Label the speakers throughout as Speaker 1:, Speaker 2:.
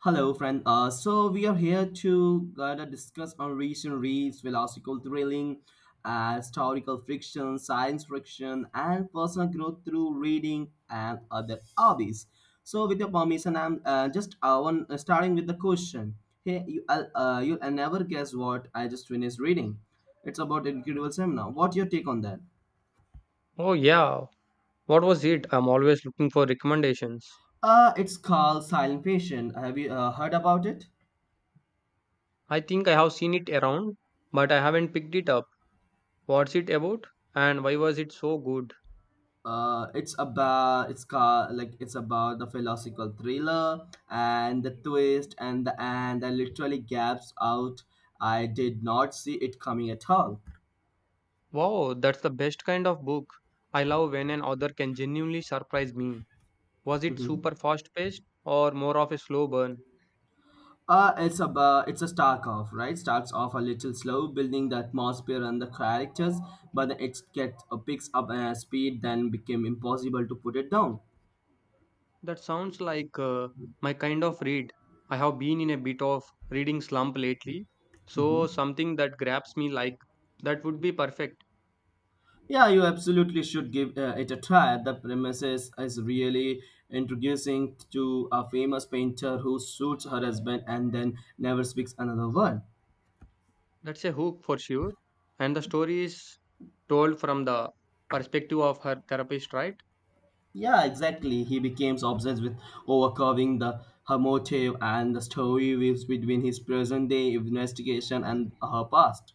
Speaker 1: Hello, friend. So we are here to gonna discuss on recent reads, philosophical thrilling, historical fiction, science fiction, and personal growth through reading and other hobbies. So, with your permission, I'm just one starting with the question. Hey, you'll never guess what I just finished reading. It's about Incredible Seminar. What's your take on that?
Speaker 2: Oh, yeah. What was it? I'm always looking for recommendations.
Speaker 1: It's called Silent Patient. Have you heard about it?
Speaker 2: I think I have seen it around, but I haven't picked it up. What's it about? And why was it so good?
Speaker 1: It's about it's called like it's about the philosophical thriller and the twist and the and I literally gasped out. I did not see it coming at all.
Speaker 2: Wow, that's the best kind of book. I love when an author can genuinely surprise me. Was it
Speaker 1: Mhm.
Speaker 2: super fast paced or more of a slow burn?
Speaker 1: It's about it's a start off right starts off a little slow, building the atmosphere and the characters, but it gets picks up speed, then became impossible to put it down.
Speaker 2: That sounds like my kind of read. I have been in a bit of reading slump lately, so
Speaker 1: Mhm.
Speaker 2: something that grabs me like that would be perfect.
Speaker 1: Yeah, you absolutely should give it a try. The premises is really introducing to a famous painter who shoots her husband and then never speaks another word.
Speaker 2: That's a hook for sure. And the story is told from the perspective of her therapist, right?
Speaker 1: Yeah, exactly. He becomes obsessed with overcovering the her motive, and the story weaves between his present day investigation and her past.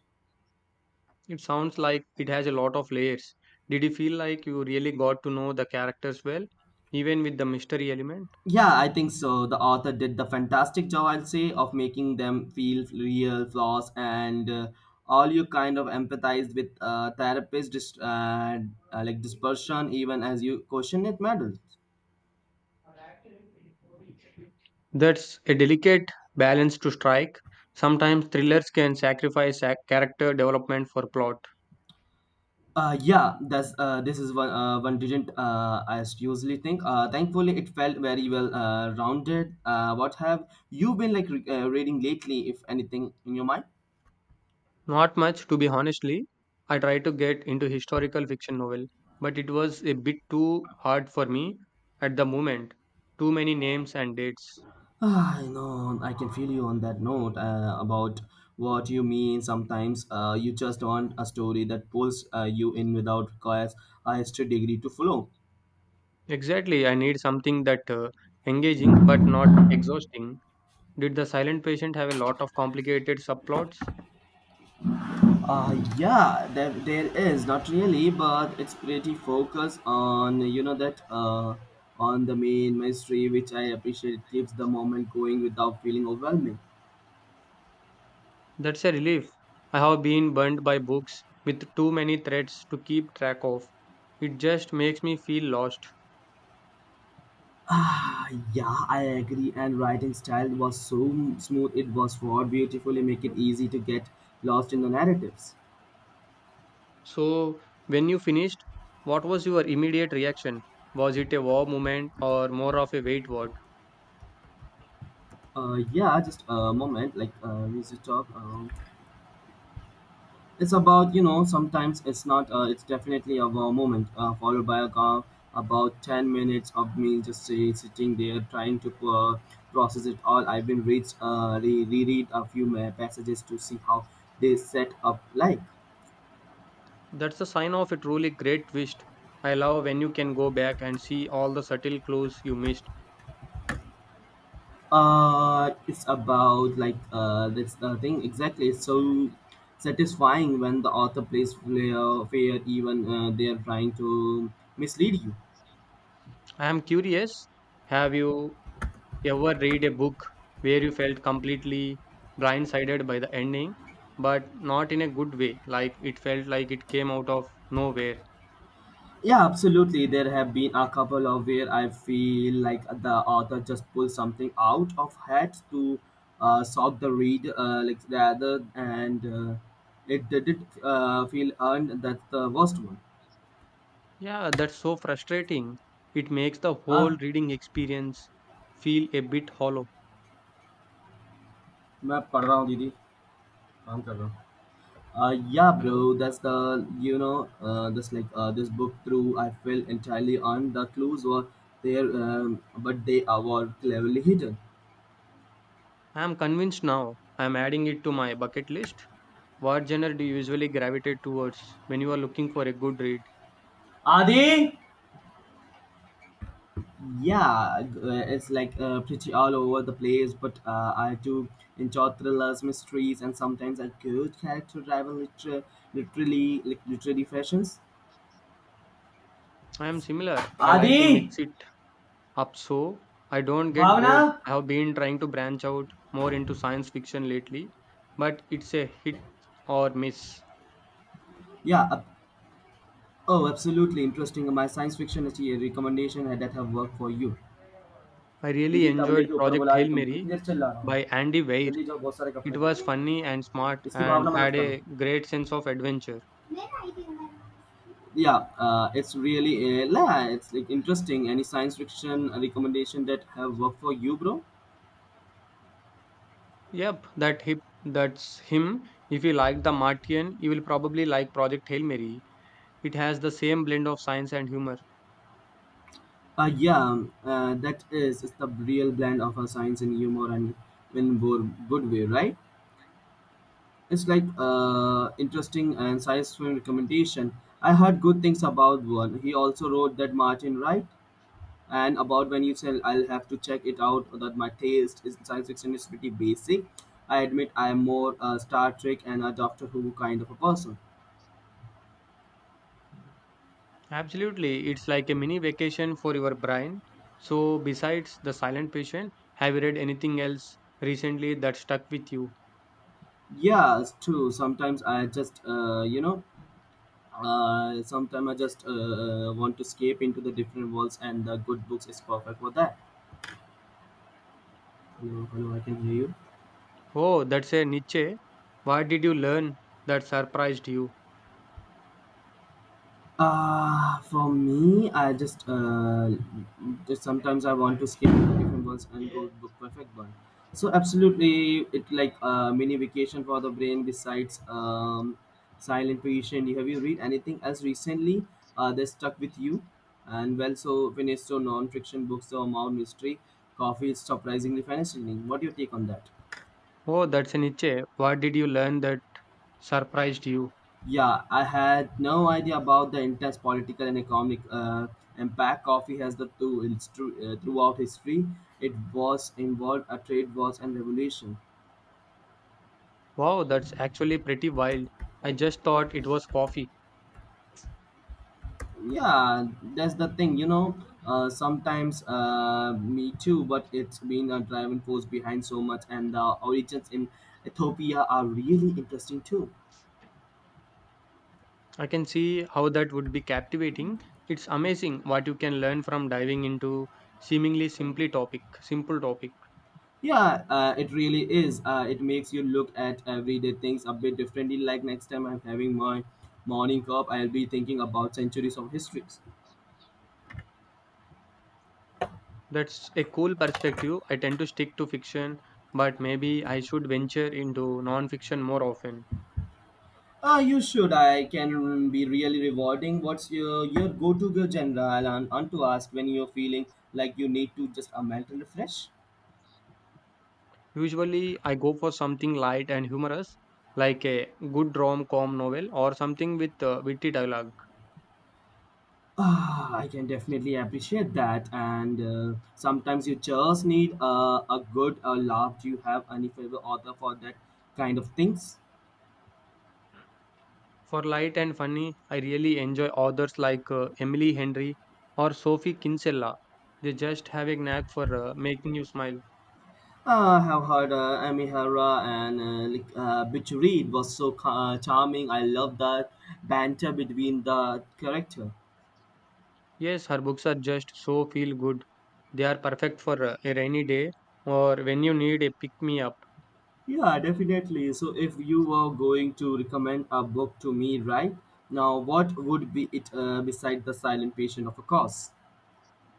Speaker 2: It sounds like it has a lot of layers. Did you feel like you really got to know the characters well, even with the mystery element?
Speaker 1: Yeah, I think so. The author did the fantastic job, I'll say, of making them feel real flaws, and all you kind of empathize with therapist, dispersion, even as you question it matters.
Speaker 2: That's a delicate balance to strike. Sometimes thrillers can sacrifice character development for plot.
Speaker 1: Yeah, that's this is one one didn't I usually think. Thankfully, it felt very well rounded. What have you been like reading lately, if anything, in your mind?
Speaker 2: Not much, to be honestly. I tried to get into historical fiction novel, but it was a bit too hard for me at the moment. Too many names and dates.
Speaker 1: Ah, you know, I can feel you on that note about what you mean. Sometimes you just want a story that pulls you in without requires a history degree to follow.
Speaker 2: Exactly, I need something that engaging but not exhausting. Did the silent patient have a lot of complicated subplots?
Speaker 1: Yeah, there is not really, but it's pretty focused on you know that on the main mystery, which I appreciate. It keeps the moment going without feeling overwhelming.
Speaker 2: That's a relief. I have been burnt by books with too many threads to keep track of. It just makes me feel lost.
Speaker 1: Ah, yeah, I agree. And writing style was so smooth; it was for beautifully make it easy to get lost in the narratives.
Speaker 2: So, when you finished, what was your immediate reaction? Was it a wow moment or more of a wait what?
Speaker 1: Yeah, just a moment. Like we should talk. It's about you know sometimes it's not. It's definitely a wow moment followed by a calm. About 10 minutes of me just say, sitting there trying to process it all. I've been reread a few passages to see how they set up like.
Speaker 2: That's a sign of a truly great twist. I love when you can go back and see all the subtle clues you missed.
Speaker 1: It's about like That's the thing exactly. It's so satisfying when the author plays fair even they are trying to mislead you.
Speaker 2: I am curious, have you ever read a book where you felt completely blindsided by the ending, but not in a good way, like it felt like it came out of nowhere?
Speaker 1: Yeah, absolutely. There have been a couple of where I feel like the author just pulled something out of hat to shock the read, like rather, and it didn't feel earned. That's the worst one.
Speaker 2: Yeah, that's so frustrating. It makes the whole
Speaker 1: हाँ
Speaker 2: reading experience feel a bit hollow.
Speaker 1: मैं पढ़ रहा हूँ दीदी काम कर रहा हूँ। Yeah, bro.
Speaker 2: Hello?
Speaker 1: That's the you know this book through. I felt entirely on the clues were there, but they were cleverly hidden.
Speaker 2: I'm convinced now. I'm adding it to my bucket list. What genre do you usually gravitate towards when you are looking for a good read?
Speaker 1: आदि। It's like pretty all over the place, but I do enjoy thrillers, mysteries, and sometimes a good character driven liter- literally like literary fashions.
Speaker 2: I am similar. I like to
Speaker 1: Adi,
Speaker 2: mix it up so I don't get bored.
Speaker 1: Bhavna,
Speaker 2: I have been trying to branch out more into science fiction lately, but it's a hit or miss.
Speaker 1: yeah ab- oh absolutely interesting my science fiction अच्छी recommendation है that have worked for you.
Speaker 2: I really
Speaker 1: दीदी तबले के
Speaker 2: enjoyed
Speaker 1: ऊपर
Speaker 2: Project
Speaker 1: बुला रही,
Speaker 2: Hail
Speaker 1: तुम
Speaker 2: Mary
Speaker 1: कितनी देर चिल्ला रहा हूँ।
Speaker 2: by Andy Weir.
Speaker 1: जल्दी जाओ, बहुत सारे कपड़े
Speaker 2: It was
Speaker 1: धो।
Speaker 2: funny and smart
Speaker 1: इसकी भावना
Speaker 2: and
Speaker 1: मदद
Speaker 2: had
Speaker 1: करो।
Speaker 2: a great sense of adventure.
Speaker 1: Yeah it's really it's like interesting any science fiction recommendation that have worked for you, bro.
Speaker 2: Yep, that's him. If you like the Martian, you will probably like Project Hail Mary. It has the same blend of science and humor.
Speaker 1: Yeah that is it's the real blend of science and humor and in more good way, right? It's like interesting and science fiction recommendation. I heard good things about one. He also wrote that Martin, right? And about when you said I'll have to check it out, that my taste is science fiction is pretty basic. I admit I am more Star Trek and a Doctor Who kind of a person.
Speaker 2: Absolutely, it's like a mini vacation for your brain. So, besides The Silent Patient, have you read anything else recently that stuck with you?
Speaker 1: Yeah, it's true. Sometimes I just you know sometimes I just want to escape into the different worlds, and the good books is perfect for that. Hello? Hello? I can hear you.
Speaker 2: Oh, that's a Nietzsche. What did you learn that surprised you?
Speaker 1: For me, I just sometimes I want to skip different ones and go book perfect one. So absolutely, it like a mini vacation for the brain. Besides Silent Patient, have you read anything else recently that stuck with you? And well, so finished so non-fiction books, the amount mystery, coffee is surprisingly fascinating. What your take on that?
Speaker 2: Oh, that's a Nietzsche. What did you learn that surprised you?
Speaker 1: Yeah, I had no idea about the intense political and economic impact coffee has the two it's true, throughout history. It was involved a trade wars and revolution.
Speaker 2: Wow, that's actually pretty wild. I just thought it was coffee.
Speaker 1: Yeah, that's the thing, you know. Sometimes me too, but it's been a driving force behind so much, and the origins in Ethiopia are really interesting too.
Speaker 2: I can see how that would be captivating. It's amazing what you can learn from diving into simple topic.
Speaker 1: Yeah, it really is. It makes you look at everyday things a bit differently. Like next time I'm having my morning cup, I'll be thinking about centuries of histories.
Speaker 2: That's a cool perspective. I tend to stick to fiction, but maybe I should venture into non-fiction more often.
Speaker 1: You should. I can be really rewarding. What's your go to genre? I'll want to ask when you're feeling like you need to just a mental refresh.
Speaker 2: Usually, I go for something light and humorous, like a good rom-com novel or something with witty dialogue.
Speaker 1: Ah, I can definitely appreciate that. And sometimes you just need a good laugh. Do you have any favorite author for that kind of things?
Speaker 2: For light and funny, I really enjoy authors like Emily Henry or Sophie Kinsella. They just have a knack for making you smile.
Speaker 1: I have heard Amy Hara and Bit Reed was so charming. I love that banter between the character.
Speaker 2: Yes, her books are just so feel good. They are perfect for a rainy day or when you need a pick me up.
Speaker 1: Yeah, definitely. So if you were going to recommend a book to me right now, what would be it beside The Silent Patient, of course.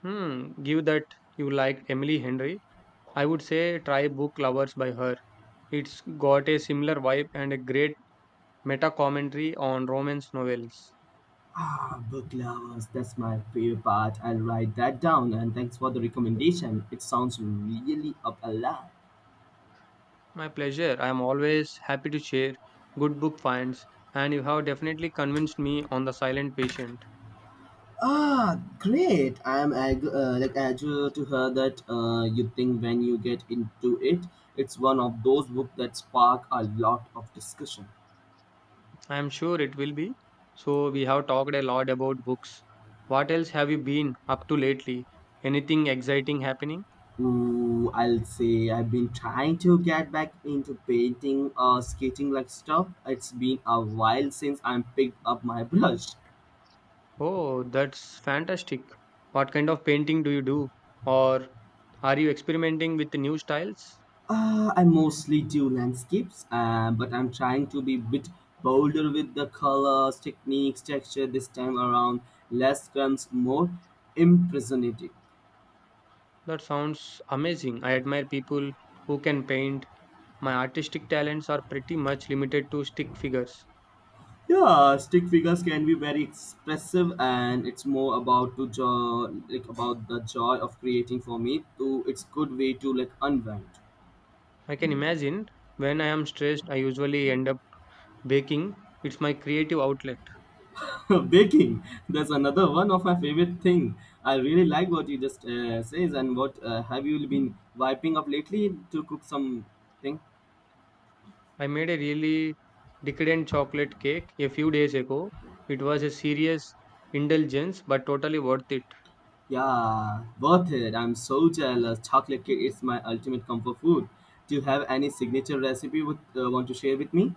Speaker 2: Hmm, give that you liked Emily Henry. I would say try Book Lovers by her. It's got a similar vibe and a great meta commentary on romance novels.
Speaker 1: Ah, book lovers, that's my favorite part. I'll write that down and thanks for the recommendation. It sounds really up a lot.
Speaker 2: My pleasure. I am always happy to share good book finds, and you have definitely convinced me on the silent patient.
Speaker 1: Ah, great! I am eager to hear that you think when you get into it. It's one of those books that spark a lot of discussion.
Speaker 2: I am sure it will be. So, we have talked a lot about books. What else have you been up to lately? Anything exciting happening?
Speaker 1: Ooh, I'll say I've been trying to get back into painting or skating like stuff. It's been a while since I picked up my brush.
Speaker 2: Oh, that's fantastic. What kind of painting do you do? Or are you experimenting with new styles?
Speaker 1: I mostly do landscapes, but I'm trying to be a bit bolder with the colors, techniques, texture this time around. Less comes more impressionistic.
Speaker 2: That sounds amazing. I admire people who can paint. My artistic talents are pretty much limited to stick figures.
Speaker 1: Yeah, stick figures can be very expressive, and it's more about to jo- like about the joy of creating for me. To it's good way to like unwind.
Speaker 2: I can imagine when I am stressed, I usually end up baking. It's my creative outlet.
Speaker 1: Baking, that's another one of my favorite thing. I really like what you just says. And what have you been wiping up lately to cook something?
Speaker 2: I made a really decadent chocolate cake a few days ago. It was a serious indulgence, but totally worth it.
Speaker 1: Yeah, worth it. I'm so jealous, chocolate cake is my ultimate comfort food. Do you have any signature recipe would want to share with me?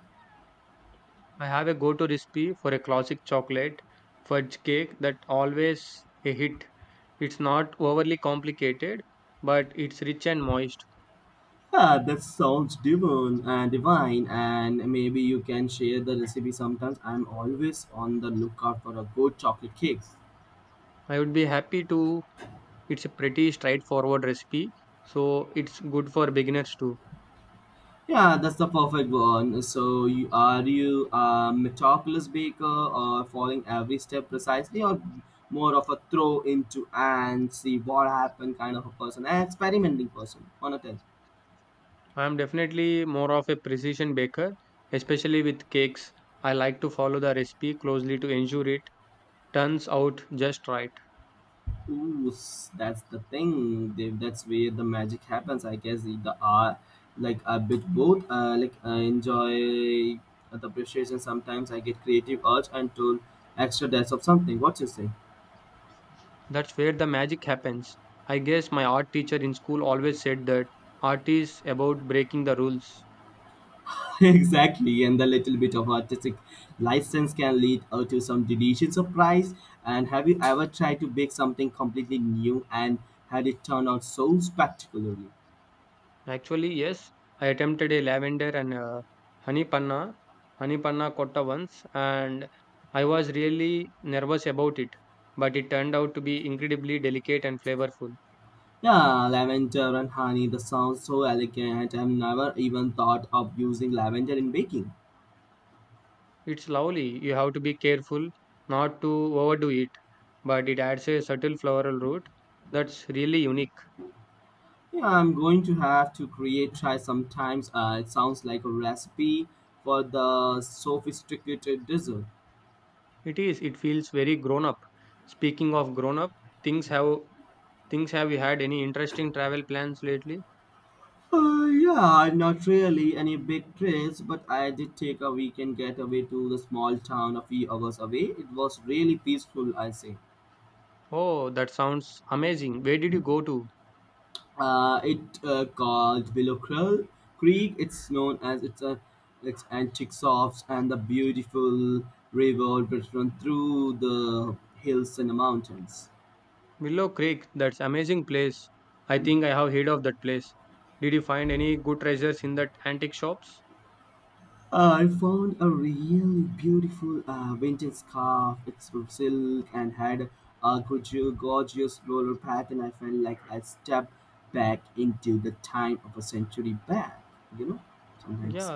Speaker 2: I have a go to recipe for a classic chocolate fudge cake that always a hit. It's not overly complicated, but it's rich and moist.
Speaker 1: Ah, that sounds divine, and maybe you can share the recipe sometimes. I'm always on the lookout for a good chocolate cake.
Speaker 2: I would be happy to. It's a pretty straightforward recipe, so it's good for beginners too.
Speaker 1: Yeah, that's the perfect one. So, are you a meticulous baker or following every step precisely, or more of a throw into and see what happened kind of a person, an experimenting person? On a ten.
Speaker 2: I'm definitely more of a precision baker, especially with cakes. I like to follow the recipe closely to ensure it turns out just right.
Speaker 1: That's the thing. Dave. That's where the magic happens, I guess. The art, like a bit both. Like I enjoy the appreciation. Sometimes I get creative urge and to extra depth of something. What you say?
Speaker 2: That's where the magic happens. I guess my art teacher in school always said that art is about breaking the rules.
Speaker 1: Exactly, and the little bit of artistic license can lead to some delicious surprise. And have you ever tried to bake something completely new and had it turn out so spectacularly?
Speaker 2: Actually, yes, I attempted a lavender and a honey panna, honey panna cotta once, and I was really nervous about it, but it turned out to be incredibly delicate and flavorful.
Speaker 1: Yeah, lavender and honey, the sounds so elegant. I've never even thought of using lavender in baking.
Speaker 2: It's lovely. You have to be careful not to overdo it, but it adds a subtle floral root that's really unique.
Speaker 1: Yeah, I'm going to have to create try sometimes. It sounds like a recipe for the sophisticated dessert.
Speaker 2: It is. It feels very grown up. Speaking of grown up, things have things have you had any interesting travel plans lately?
Speaker 1: Yeah, not really any big trips, but I did take a weekend getaway to the small town a few hours away. It was really peaceful, I say.
Speaker 2: Oh, that sounds amazing. Where did you go to?
Speaker 1: It called Willow Krill Creek. It's known as it's a it's antique shops and the beautiful river which runs through the hills and the mountains.
Speaker 2: Willow Creek. That's amazing place. I think I have heard of that place. Did you find any good treasures in that antique shops?
Speaker 1: I found a really beautiful vintage scarf. It's from silk and had a gorgeous floral pattern. I felt like I stepped back into the time of a century back, you know, sometimes.
Speaker 2: Yeah,